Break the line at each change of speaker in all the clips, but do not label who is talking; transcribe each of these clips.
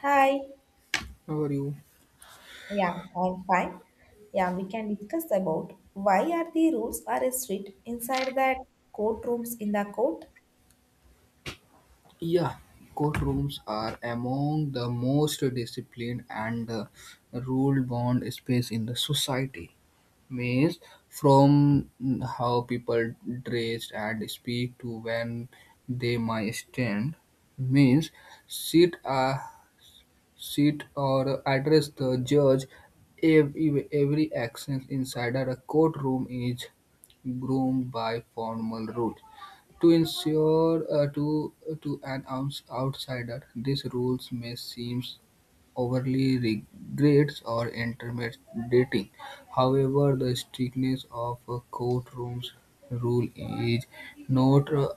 Hi.
How are you?
Yeah, I'm fine. Yeah, we can discuss about why are the rules are strict inside that courtrooms in the court.
Yeah, courtrooms are among the most disciplined and rule-bound space in the society. Means from how people dress and speak to when they might stand. Means sit sit or address the judge. Every action inside a courtroom is groomed by formal rules to ensure to an outsider, these rules may seem overly rigid or intimidating. However, the strictness of a courtroom's rule is not.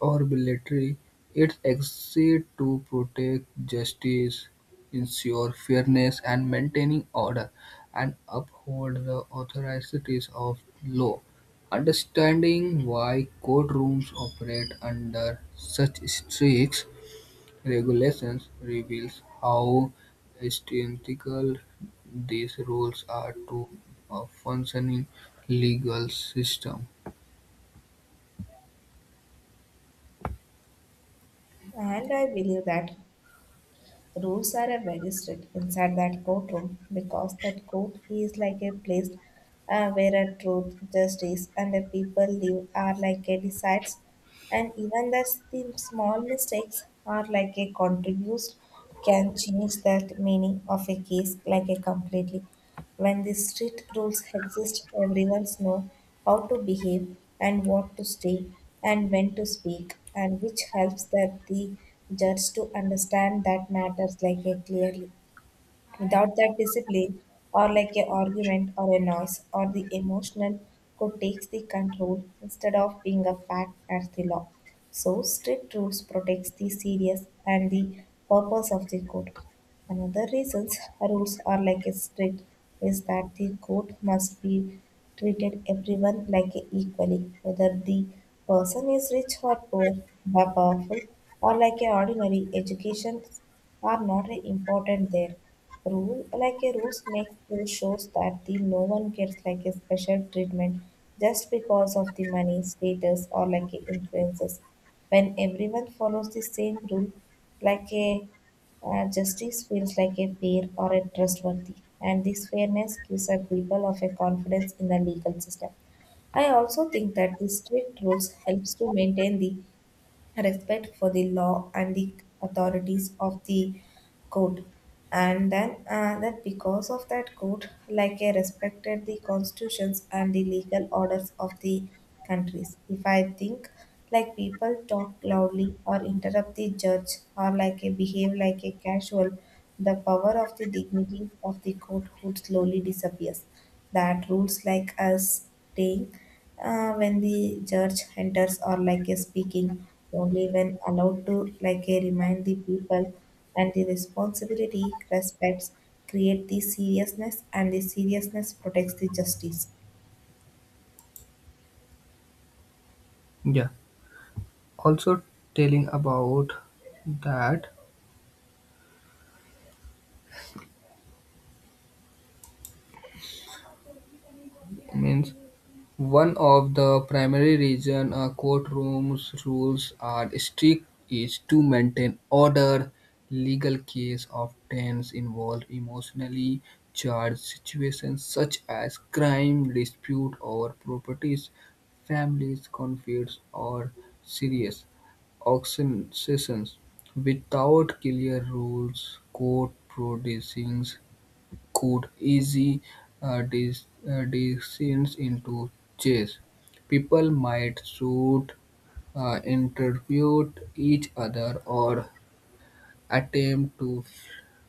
Or military, it exists to protect justice, ensure fairness, and maintaining order, and uphold the authorities of law. Understanding why courtrooms operate under such strict regulations reveals how essential these rules are to a functioning legal system.
And I believe that rules are a very strict inside that courtroom because that court is like a place where a truth, justice, and the people live are like a decides, and even that the small mistakes are like a contributes can change that meaning of a case like a completely. When the strict rules exist, everyone knows how to behave and what to say and when to speak, and which helps that the just to understand that matters like a clearly. Without that discipline, or like an argument or a noise, or the emotional could takes the control instead of being a fact as the law. So strict rules protects the serious and the purpose of the code. Another reasons rules are like a strict is that the code must be treated everyone like a equally, whether the person is rich or poor, or powerful or like a ordinary education are not a important there. Rule like a rules makes the shows that the no one gets like a special treatment just because of the money, status or like a influences. When everyone follows the same rule, like a justice feels like a fair or a trustworthy, and this fairness gives a people of a confidence in the legal system. I also think that the strict rules helps to maintain the respect for the law and the authorities of the court, and then that because of that court like I respected the constitutions and the legal orders of the countries if I think like people talk loudly or interrupt the judge or like a behave like a casual the power of the dignity of the court would slowly disappears. That rules like us staying when the judge enters or like a speaking only when allowed to like a remind the people and the responsibility respects create the seriousness, and the seriousness protects the justice.
Yeah. Also telling about that means one of the primary reason a courtroom's rules are strict is to maintain order. Legal cases often involve emotionally charged situations such as crime, dispute over properties, families, conflicts, or serious auction sessions. Without clear rules, court proceedings could easily descend into chess. People might shoot, interview each other, or attempt to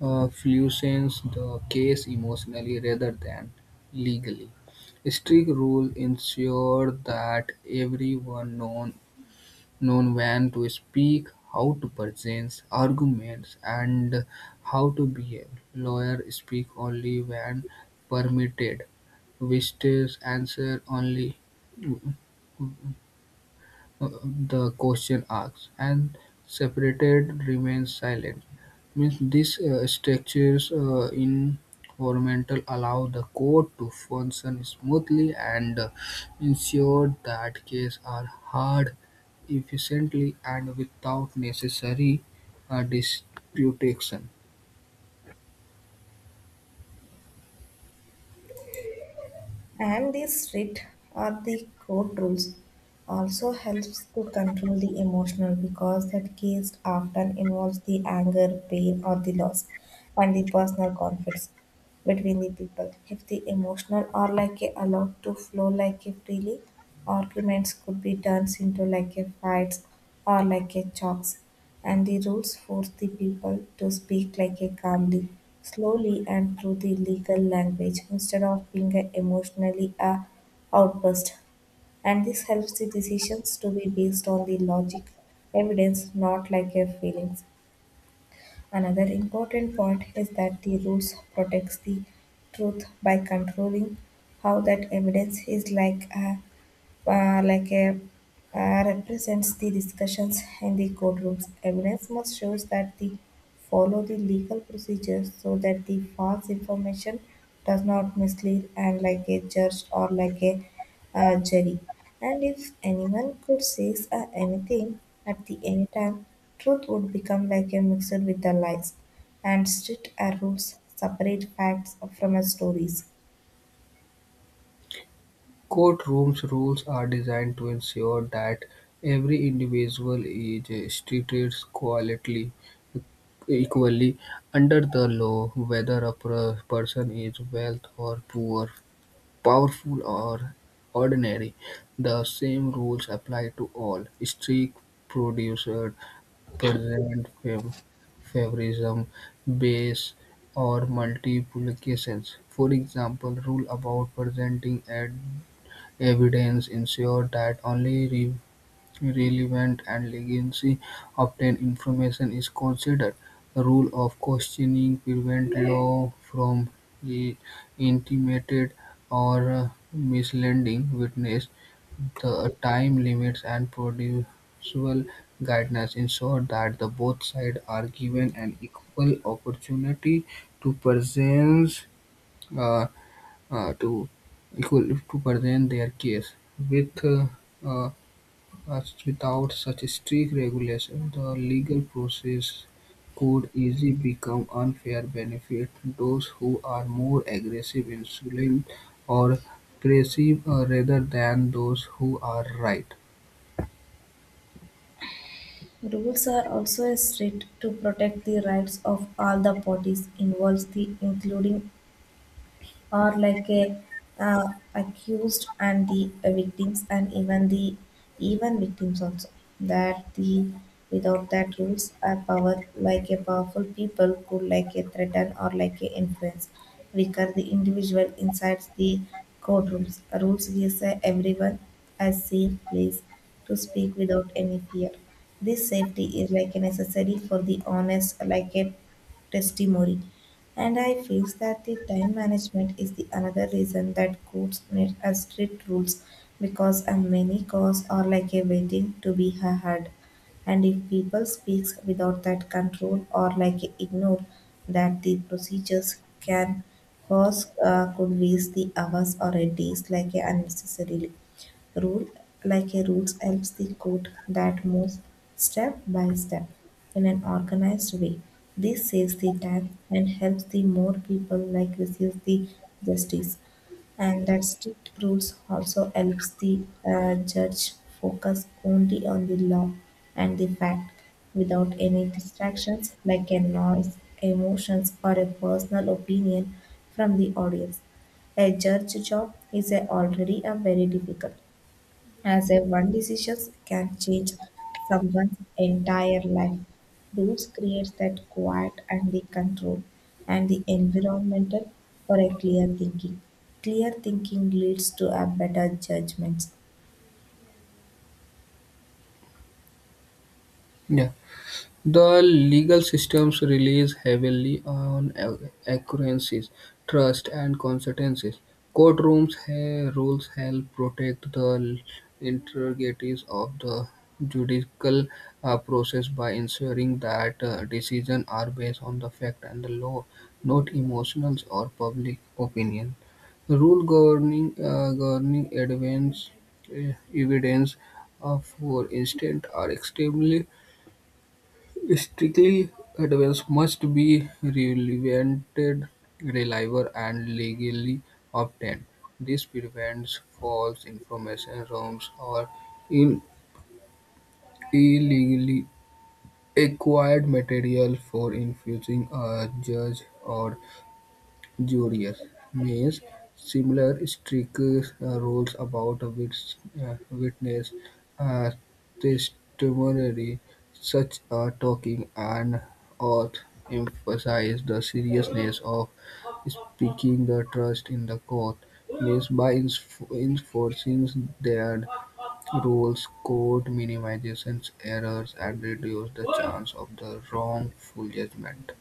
fluence the case emotionally rather than legally. Strict rules ensure that everyone knows known when to speak, how to present arguments, and how to behave. Lawyers speak only when permitted. Visitors answer only uh, the question asks, and separated remains silent. Means these structures environmental allow the court to function smoothly and ensure that cases are heard efficiently and without necessary disputation.
And the strict or the court rules also helps to control the emotional because that case often involves the anger pain or the loss and the personal conflicts between the people. If the emotional are like a allowed to flow like a freely, arguments could be turned into like a fights or like a chokes. And the rules force the people to speak like a calmly, slowly and through the legal language instead of being a emotionally a outburst, and this helps the decisions to be based on the logic evidence, not like a feelings. Another important point is that the rules protects the truth by controlling how that evidence is like a represents the discussions in the courtrooms. Evidence must shows that the follow the legal procedures so that the false information does not mislead and like a judge or like a jury. And if anyone could say anything at the any time, truth would become like a mixer with the lies, and strict rules separate facts from stories.
Courtroom rules are designed to ensure that every individual is treated equally under the law, whether a person is wealthy or poor, powerful or ordinary. The same rules apply to all. Strict producer present favorism, base, or multiplications. For example, rule about presenting at evidence ensured that only relevant and legally obtained information is considered; the rule of questioning prevents law from i- intimidating or misleading witness. The time limits and procedural guidelines ensure that the both sides are given an equal opportunity to present uh, to equal to present their case. With uh, uh, Without such strict regulation, the legal process could easily become unfair, benefit those who are more aggressive, insolent, or aggressive rather than those who are right.
Rules are also strict to protect the rights of all the parties involved, the including or like a accused and the victims and even victims also that the without that rules a power like a powerful people could like a threaten or like a influence weaker the individual inside the courtrooms rules gives everyone a safe place to speak without any fear. This safety is like a necessary for the honest like a testimony. And I feels that the time management is the another reason that courts need a strict rules because a many calls are like a waiting to be heard. And if people speaks without that control or like ignore that the procedures can cause could waste the hours or a days like a unnecessarily rule like a rules helps the code that moves step by step in an organized way. This saves the time and helps the more people like receive the justice. And that strict rules also helps the judge focus only on the law and the fact without any distractions like a noise, emotions, or a personal opinion from the audience. A judge job is already a very difficult as a one decision can change someone's entire life. Rules create that quiet and the control and the environmental for a clear thinking. Clear thinking leads to a better judgments.
Yeah. The legal systems relies heavily on accuracies, trust, and consistencies. Rules help protect the integrities of the judicial process by ensuring that decisions are based on the fact and the law, not emotions or public opinion. Rule governing Governing advance evidence, for instance, are extremely strictly adherence must be relevanted, reliable, and legally obtained. This prevents false information, rumors, or in- illegally acquired material for influencing a judge or juries. Means similar strict rules about which witness uh, testimony, such as talking and oath emphasize the seriousness of speaking the trust in the court. Means by enforcing their rules, court minimizes errors and reduces the chance of the wrongful judgment.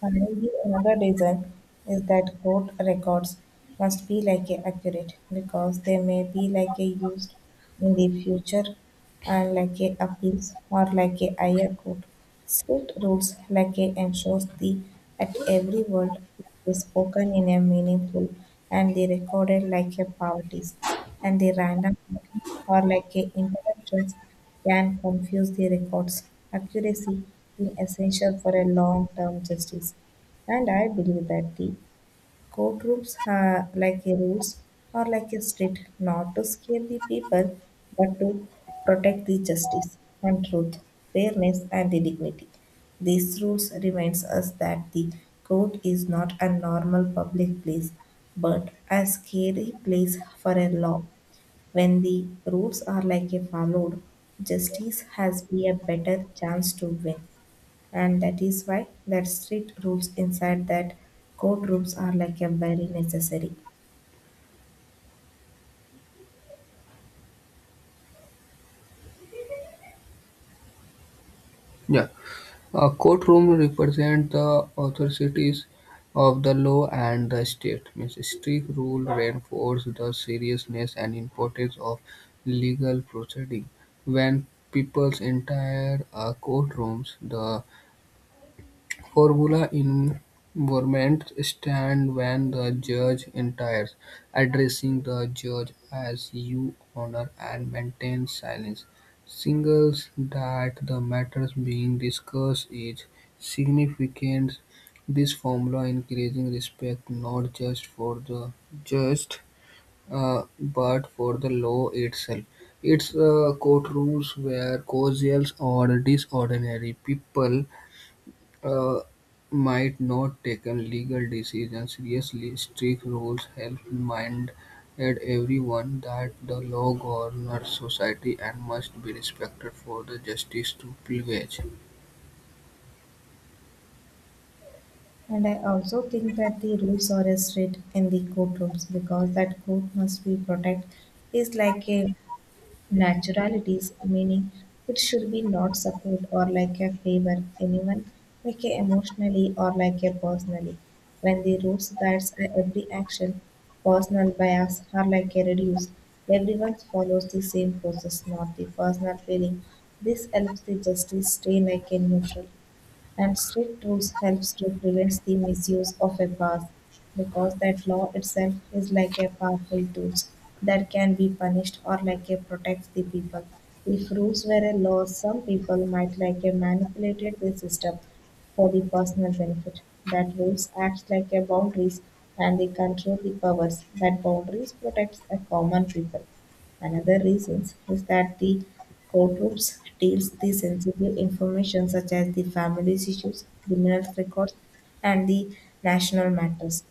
Finally, another reason is that court records must be like a accurate because they may be like a used in the future and like a appeals or like a higher court. Strict rules like a ensures the at every word is spoken in a meaningful and the recorded like a poverties and the random or like a interruptions can confuse the records. Accuracy is essential for a long-term justice, and I believe that the courtrooms are like a rules or like a street, not to scare the people, but to protect the justice and truth, fairness and the dignity. These rules reminds us that the court is not a normal public place, but a scary place for a law when the rules are like a followed, justice has be a better chance to win. And that is why that strict rules inside that courtrooms are like a very necessary.
Yeah. A courtroom represents the authorities of the law and the state. Means strict rule reinforce the seriousness and importance of legal proceeding. When people's enter a courtroom, the formula involvements stand when the judge enters, addressing the judge as "You Honor" and maintain silence, signals that the matters being discussed is significant. This formula increasing respect not just for the judge, but for the law itself. It's courtrooms where casuals or disorderly people uh, might not taken legal decisions seriously. Strict rules help remind everyone that the law governs society and must be respected for the justice to prevail.
And I also think that the rules are a strict in the courtrooms because that court must be protect is like a naturalities, meaning it should be not support or like a favor anyone, like a emotionally or like a personally. When the roots guides a every action, personal bias are like a reduced. Everyone follows the same process, not the personal feeling. This helps the justice stay like a neutral, and strict rules helps to prevent the misuse of a pass because that law itself is like a powerful tool that can be punished or like a protects the people if rules were a law some people might like a manipulated the system for the personal benefit that rules acts like a boundaries and they control the powers that boundaries protects a common people. Another reason is that the courtrooms deals the sensitive information such as the family issues, criminal records, and the national matters.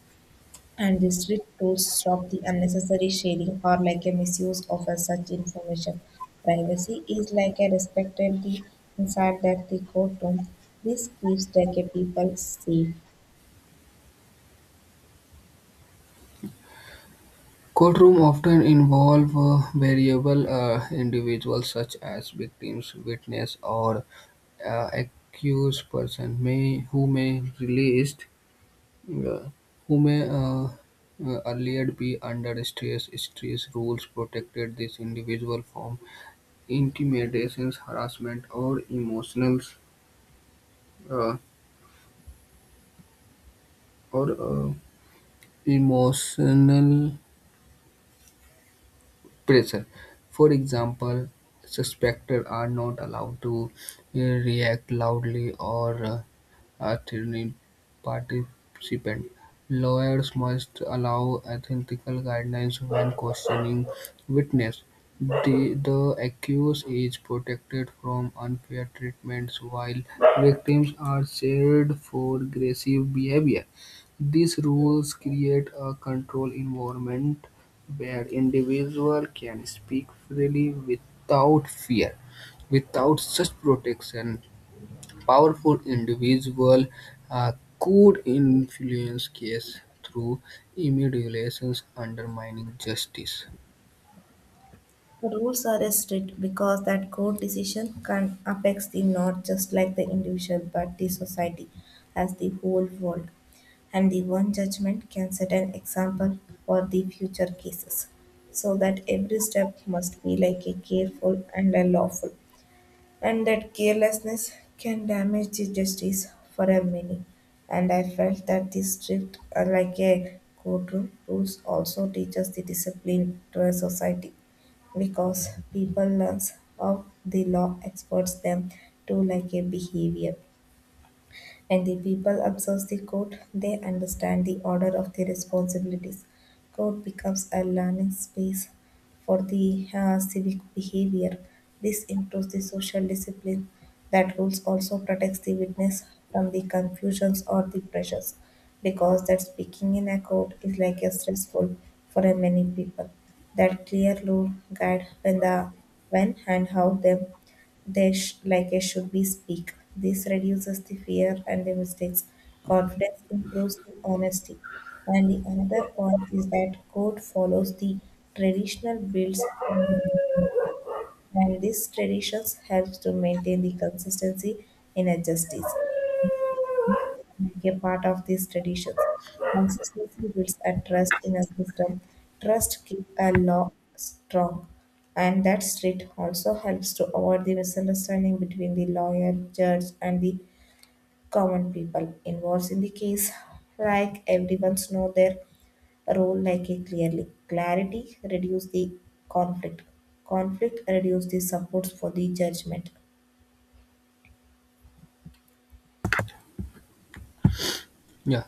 And the strict rules stop the unnecessary sharing or like a misuse of a such information. Privacy is like a respected the inside that the courtroom. This keeps like a people safe.
Courtroom often involve variable individuals such as victims, witness, or accused person may uh, who may earlier be under stress. Stress rules protected this individual from intimidations, harassment, uh, or emotional pressure. For example, suspected are not allowed to uh, react loudly or Athenian participant lawyers must allow ethical guidelines when questioning witnesses; the the accused is protected from unfair treatment, while victims are shamed for aggressive behavior. These rules create a controlled environment where individuals can speak freely without fear. Without such protection, powerful individuals uh, could influence case through manipulations, undermining justice.
Rules are strict because that court decision can affect the not just like the individual but the society as the whole world. And the one judgment can set an example for the future cases. So that every step must be like a careful and a lawful, and that carelessness can damage the justice for a many. And I felt that this strict, like a courtroom rules, also teaches the discipline to a society because people learns how the law experts them to like a behavior and the people observe the code; they understand the order of the responsibilities. Court becomes a learning space for the civic behavior. This improves the social discipline. That rules also protects the witness from the confusions or the pressures, because that speaking in a court is like a stressful for a many people. That clear rule guide when and how them they like I should be speak. This reduces the fear and the mistakes. Confidence improves the honesty. And the another point is that code follows the traditional builds and these traditions helps to maintain the consistency in a justice make A part of these traditions. Consistency builds a trust in a system. Trust keeps a law strong. And that street also helps to avoid the misunderstanding between the lawyer, judge, and the common people involved in the case. Like everyone's know their role like a clearly. Clarity reduce the conflict. Conflict reduce the supports for the judgment.
Yeah.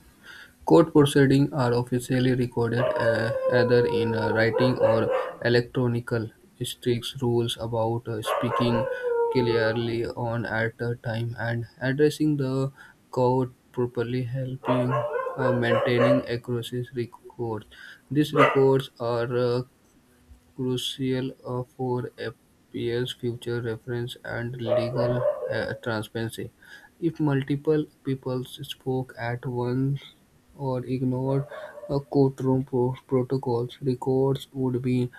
Court proceedings are officially recorded either in writing or electronical. Strict rules about speaking clearly on at a time and addressing the court properly, helping maintaining accuracy records. These records are crucial for API's future reference and legal transparency. If multiple people spoke at once or ignored protocols, records would be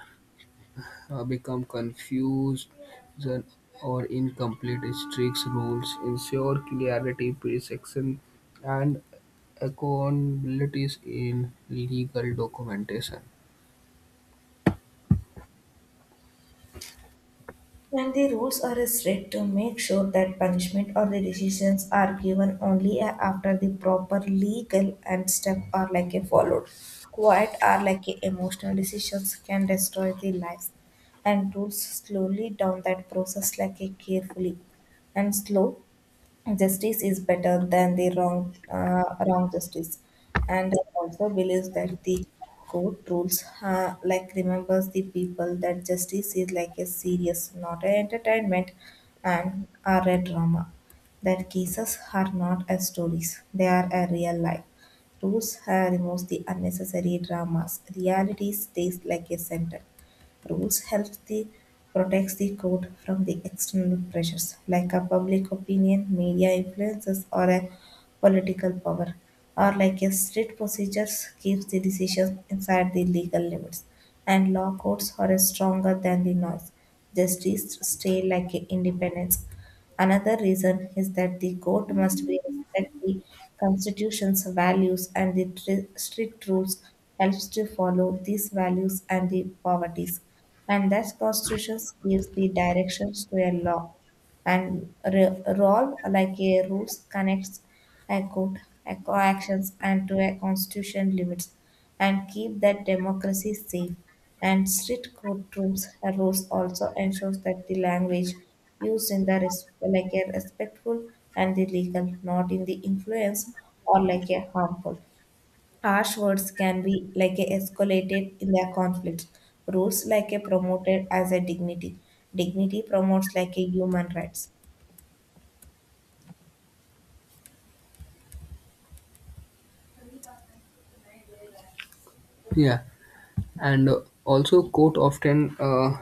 become confused then- or incomplete. Strict rules ensure clarity, precision, and accountabilities in legal documentation.
And the rules are strict to make sure that punishment or the decisions are given only after the proper legal and step are like a followed. Quiet are like a emotional decisions can destroy the lives, and rules slowly down that process like a carefully and slow justice is better than the wrong justice. And I also believes that the court rules like remembers the people that justice is like a serious not an entertainment and are a drama that cases are not as stories they are a real life rules removes the unnecessary dramas reality stays like a center rules helps the protects the code from the external pressures like a public opinion, media influences, or a political power, or like a strict procedures keeps the decisions inside the legal limits, and law courts are stronger than the noise. Justice stay like a independence. Another reason is that the court must be respect the Constitution's values, and the strict rules helps to follow these values and the poverties. And that Constitution gives the directions to a law. And role like a rules connects a code, a co actions and to a constitution limits and keep that democracy safe. And strict courtrooms rules also ensures that the language used in the like a respectful and the legal, not in the influence or like a harmful. Harsh words can be like a escalated in their conflict. Rules like a promoted as a dignity. Dignity promotes like a human rights.
Yeah. And also court often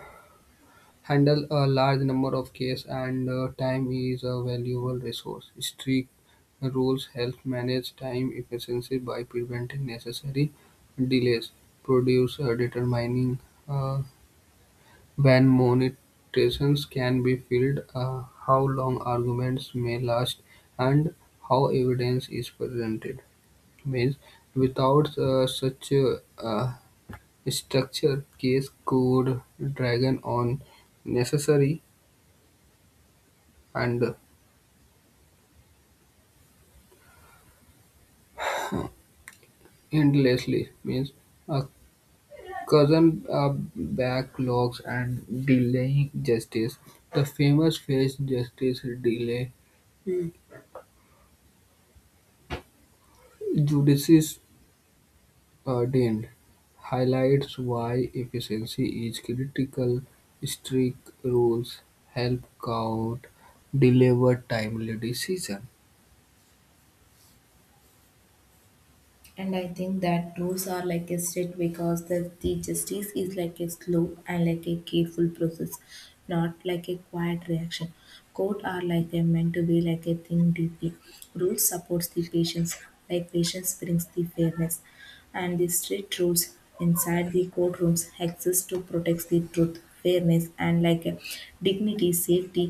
handle a large number of cases and time is a valuable resource. Strict rules help manage time efficiency by preventing necessary delays, produce determining uh, when monetizations can be filed, how long arguments may last, and how evidence is presented. Means without such structure case could drag on necessary and endlessly, means a cousin causing backlogs and delaying justice. The famous phrase justice delay Judicis ordained highlights why efficiency is critical. Strict rules help court deliver timely decision.
And I think that rules are like a strict because the justice is like a slow and like a careful process, not like a quiet reaction. Court are like a meant to be like a thing deeply. Rules supports the patience, like patience brings the fairness, and the strict rules inside the courtrooms exist to protect the truth, fairness, and like a dignity, safety,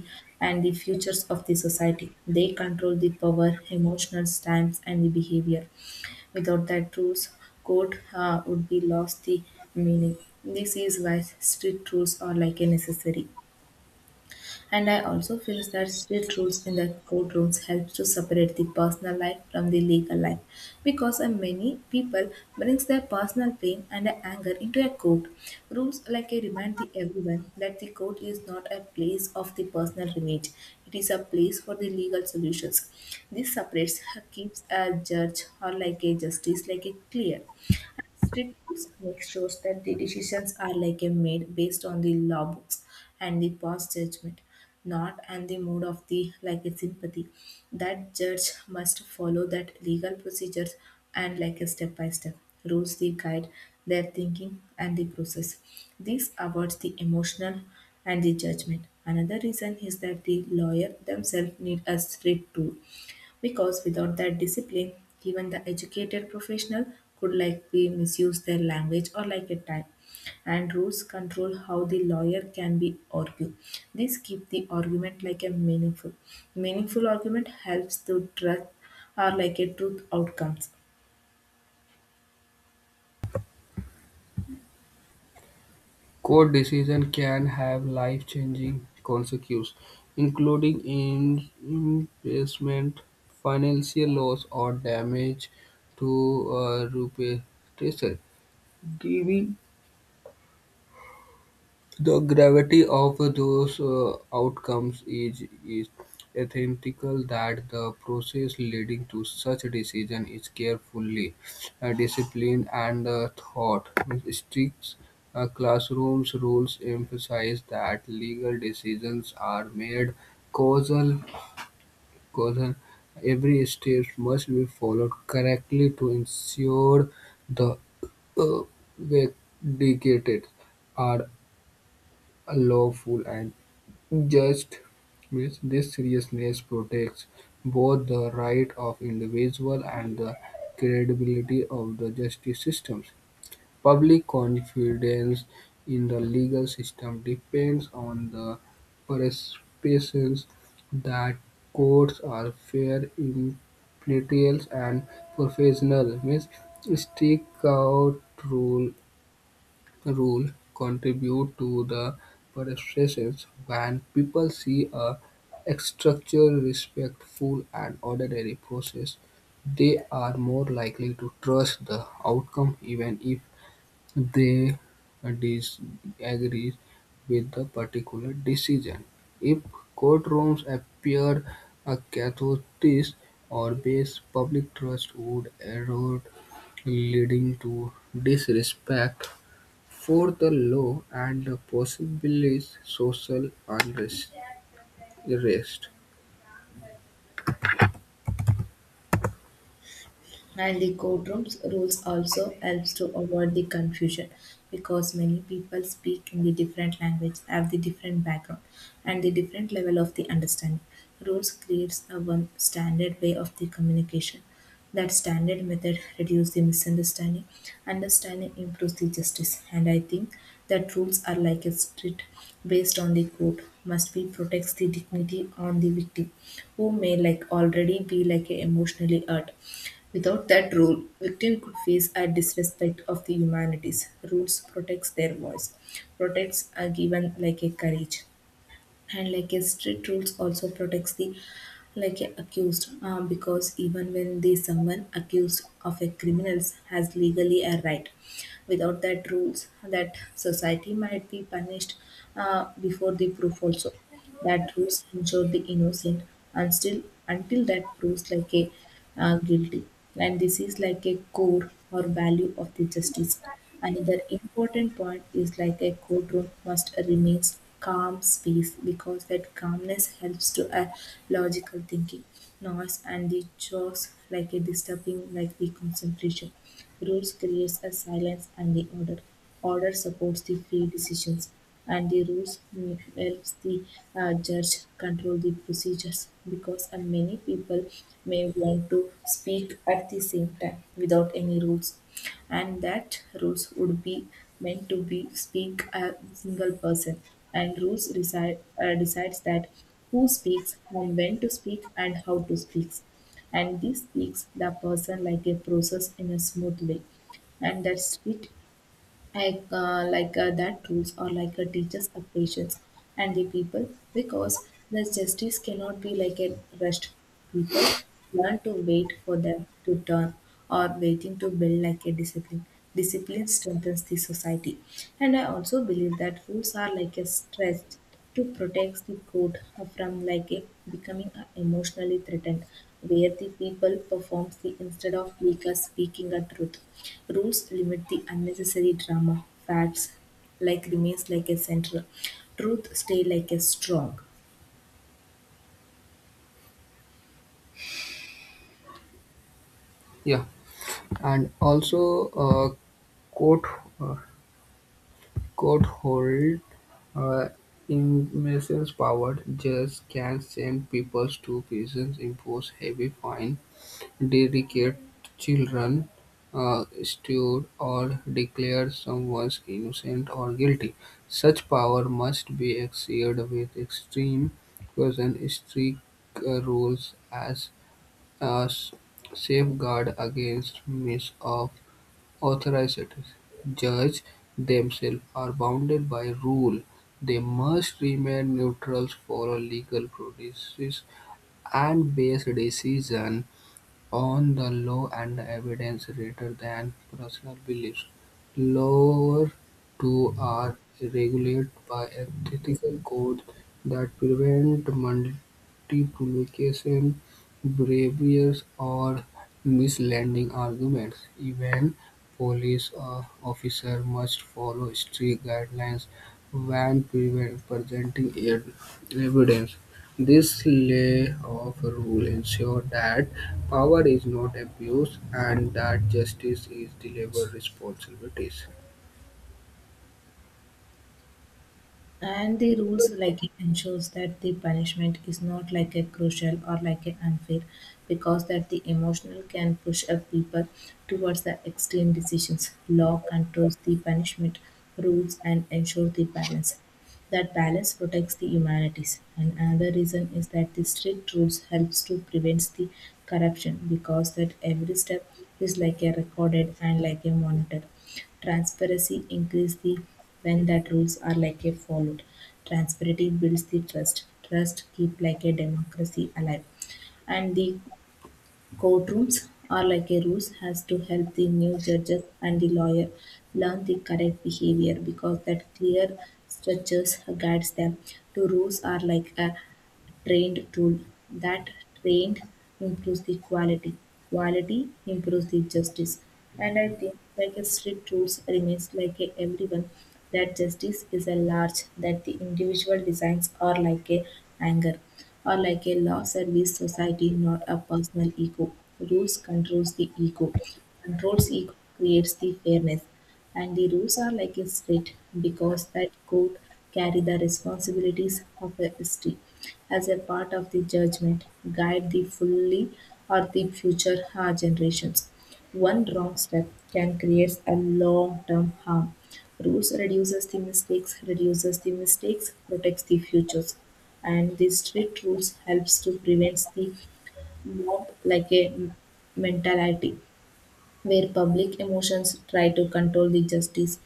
and the futures of the society. They control the power, emotional times, and the behavior. Without that, rules code would be lost the meaning. This is why strict rules are like a necessary. And I also feel that strict rules in the courtrooms helps to separate the personal life from the legal life because many people brings their personal pain and anger into a court. Rules like a remind the everyone that the court is not a place of the personal remit. It is a place for the legal solutions. This separates keeps a judge or like a justice like a clear. Street foods make shows that the decisions are like a made based on the law books and the past judgment, not and the mood of the like a sympathy. That judge must follow that legal procedures, and like a step by step rules the guide their thinking and the process. This avoids the emotional and the judgment. Another reason is that the lawyer themselves need a strict tool, because without that discipline, even the educated professional could likely misuse their language or like a time. And rules control how the lawyer can be argued. This keep the argument like a meaningful. Meaningful argument helps to trust or like a truth outcomes.
Court decision can have life-changing consequences, including imprisonment, financial loss, or damage to reputation. The gravity of those outcomes is ethical that the process leading to such decision is carefully disciplined and thought. Strict classrooms rules emphasize that legal decisions are made causal. Causal. Every step must be followed correctly to ensure the uh, vindicated are lawful and just. Means this seriousness protects both the right of individual and the credibility of the justice systems. Public confidence in the legal system depends on the perceptions that courts are fair, impartial, and professional. Means strict out rule. Rule contribute to the perceptions when people see a structure respectful and orderly process, they are more likely to trust the outcome even if they disagree with the particular decision. If courtrooms appeared chaotic or base, public trust would erode, leading to disrespect for the law and possibly social unrest. Arrest.
And the courtrooms rules also helps to avoid the confusion because many people speak in the different language, have the different background and the different level of the understanding. Rules creates a one standard way of the communication. That standard method reduces the misunderstanding, understanding improves the justice. And I think that rules are like a street based on the court must be protects the dignity on the victim who may like already be like a emotionally hurt. Without that rule, victims could face a disrespect of the humanities. Rules protects their voice, protects a given like a courage, and like a strict rules also protects the like a accused because even when the someone accused of a criminals has legally a right, without that rules that society might be punished before the proof. Also that rules ensure the innocent and still until that proves like a guilty, and this is like a core or value of the justice. Another important point is like a courtroom must remain calm space because that calmness helps to a logical thinking. Noise and the chores like a disturbing like the concentration. Rules creates a silence and the order, order supports the fair decisions, and the rules helps the judge control the procedures because many people may want to speak at the same time without any rules, and that rules would be meant to be speak a single person, and rules decides that who speaks and when to speak and how to speak, and this speaks the person like a process in a smooth way, and that's it. I that rules or like a teacher's patience and the people, because the justice cannot be like a rushed. People learn to wait for them to turn, or waiting to build like a discipline. Discipline strengthens the society. And I also believe that rules are like a stretch to protect the code from becoming a emotionally threatened where the people performs the instead of like speaking a truth. Rules limit the unnecessary drama, facts like remains like a central, truth stay like a strong.
Yeah, and also court uh, court hold uh, immense power. Judges can send people to prisons, impose heavy fine, dedicate children stirred or declare someone innocent or guilty. Such power must be exercised with extreme caution, strict rules as a s- safeguard against misuse of authority. Judge themselves are bounded by rule. They must remain neutral, for legal processes, and base decision on the law and evidence rather than personal beliefs. Laws too are regulated by ethical codes that prevent multiplication, briberies, or misleading arguments. Even police officers must follow strict guidelines when presenting evidence. This lay of rule ensure that power is not abused and that justice is delivered responsibilities.
And the rules like it ensures that the punishment is not like a crucial or like a unfair, because that the emotional can push up people towards the extreme decisions. Law controls the punishment, rules and ensure the balance, that balance protects the humanities. And another reason is that the strict rules helps to prevent the corruption, because that every step is like a recorded and like a monitor. Transparency increases the when that rules are like a followed. Transparency builds the trust. Trust keep like a democracy alive. And the courtrooms are like a rules has to help the new judges and the lawyer learn the correct behavior because that clear structures guides them. The rules are like a trained tool. That trained improves the quality. Quality improves the justice. And I think like a strict rules remains like a everyone that justice is a large that the individual designs are like a anger or like a law service society, not a personal ego. Rules controls the ego. Controls ego creates the fairness. And the rules are like a state because that court carry the responsibilities of a history as a part of the judgment, guide the fully or the future generations. One wrong step can create a long-term harm. Rules reduces the mistakes, protects the futures. And the strict rules helps to prevent the mob like a mentality where public emotions try to control the justice.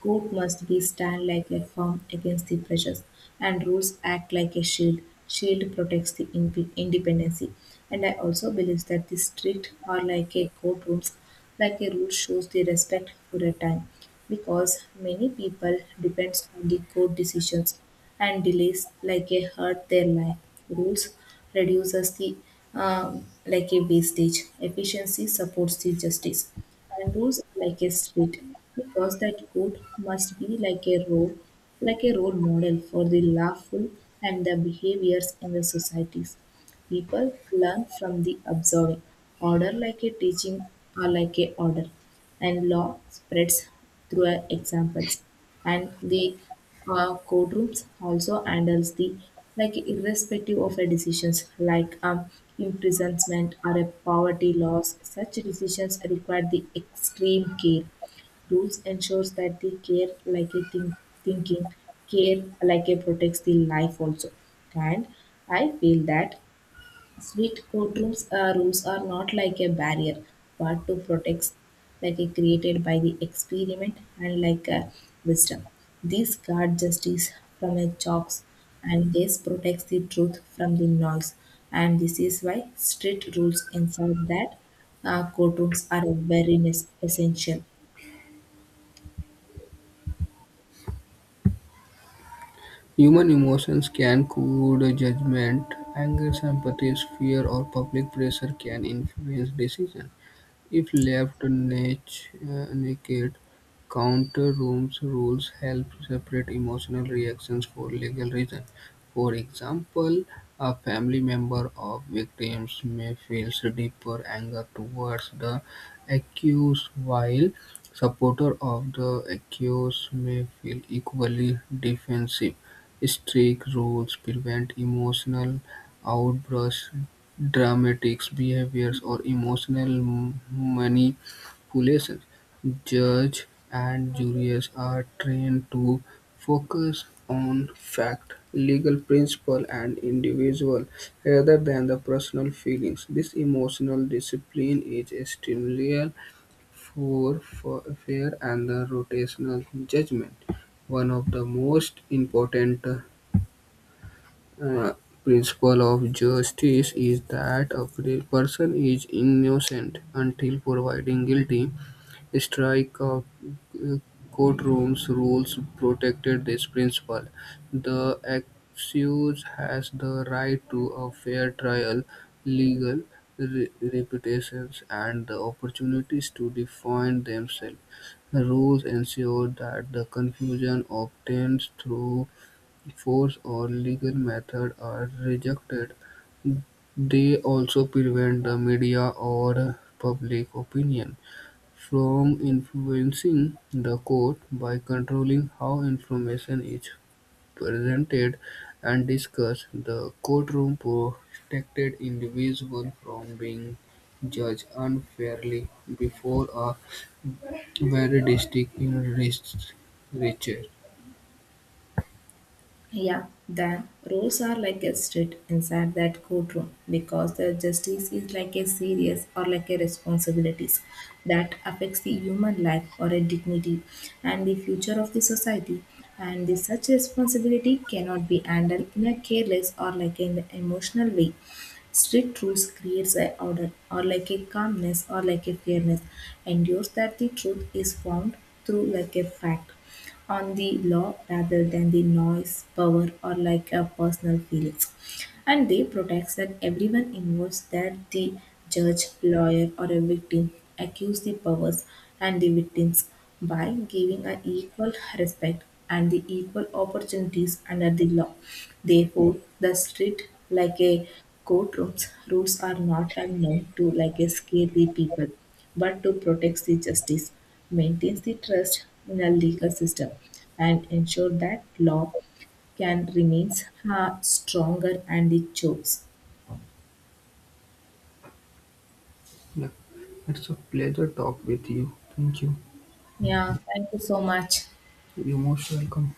Court must be stand like a firm against the pressures, and rules act like a shield. Shield protects the independency. And I also believe that the strict are like a courtrooms, like a rule shows the respect for a time because many people depends on the court decisions and delays like a hurt their life. Rules reduces the like a wastage. Efficiency supports the justice. And rules are like a street because that court must be like a role, like a role model for the lawful and the behaviors in the societies. People learn from the observing. Order like a teaching or like a order, and law spreads through examples. And the courtrooms also handles the like irrespective of a decisions like imprisonment or a poverty laws. Such decisions require the extreme care. Rules ensures that the care like a think, thinking care like a protects the life also. And I feel that sweet courtrooms rules are not like a barrier, but to protect, like a created by the experiment and like a wisdom. These guard justice from a chocks, and this protects the truth from the noise. And this is why strict rules inside that courtrooms are very essential.
Human emotions can cloud judgment, anger, sympathy, fear, or public pressure can influence decisions. If left naked, counter-rooms rules help separate emotional reactions for legal reasons. For example, a family member of victims may feel deeper anger towards the accused, while supporter of the accused may feel equally defensive. Strict rules prevent emotional outbursts dramatics, behaviors, or emotional manipulations. Judges and juries are trained to focus on fact, legal principle, and individual rather than the personal feelings. This emotional discipline is essential for fair and the rotational judgment. One of the most important uh, principle of justice is that a person is innocent until provided guilty. Strike of uh, courtrooms rules protected this principle. The accused has the right to a fair trial, legal reputations, and the opportunities to defend themselves. The rules ensure that the confusion obtained through force or legal method are rejected, they also prevent the media or public opinion from influencing the court by controlling how information is presented and discussed. The courtroom protected individuals from being judged unfairly before a very distinct in reach.
Yeah, then rules are like a street inside that courtroom because the justice is like a serious or like a responsibilities that affects the human life or a dignity and the future of the society. And the such responsibility cannot be handled in a careless or like an emotional way. Strict rules creates a order or like a calmness or like a fairness, endures that the truth is found through like a fact on the law rather than the noise, power or like a personal feelings, and they protect that everyone involved that the judge, lawyer or a victim, accuse the powers and the victims by giving an equal respect and the equal opportunities under the law. Therefore the street like a courtrooms rules are not and meant to like a scare the people, but to protect the justice, maintains the trust in a legal system, and ensure that law can remains stronger and it chokes.
Look, it's a pleasure talk with you, thank you.
Yeah, thank you so much.
You're most welcome.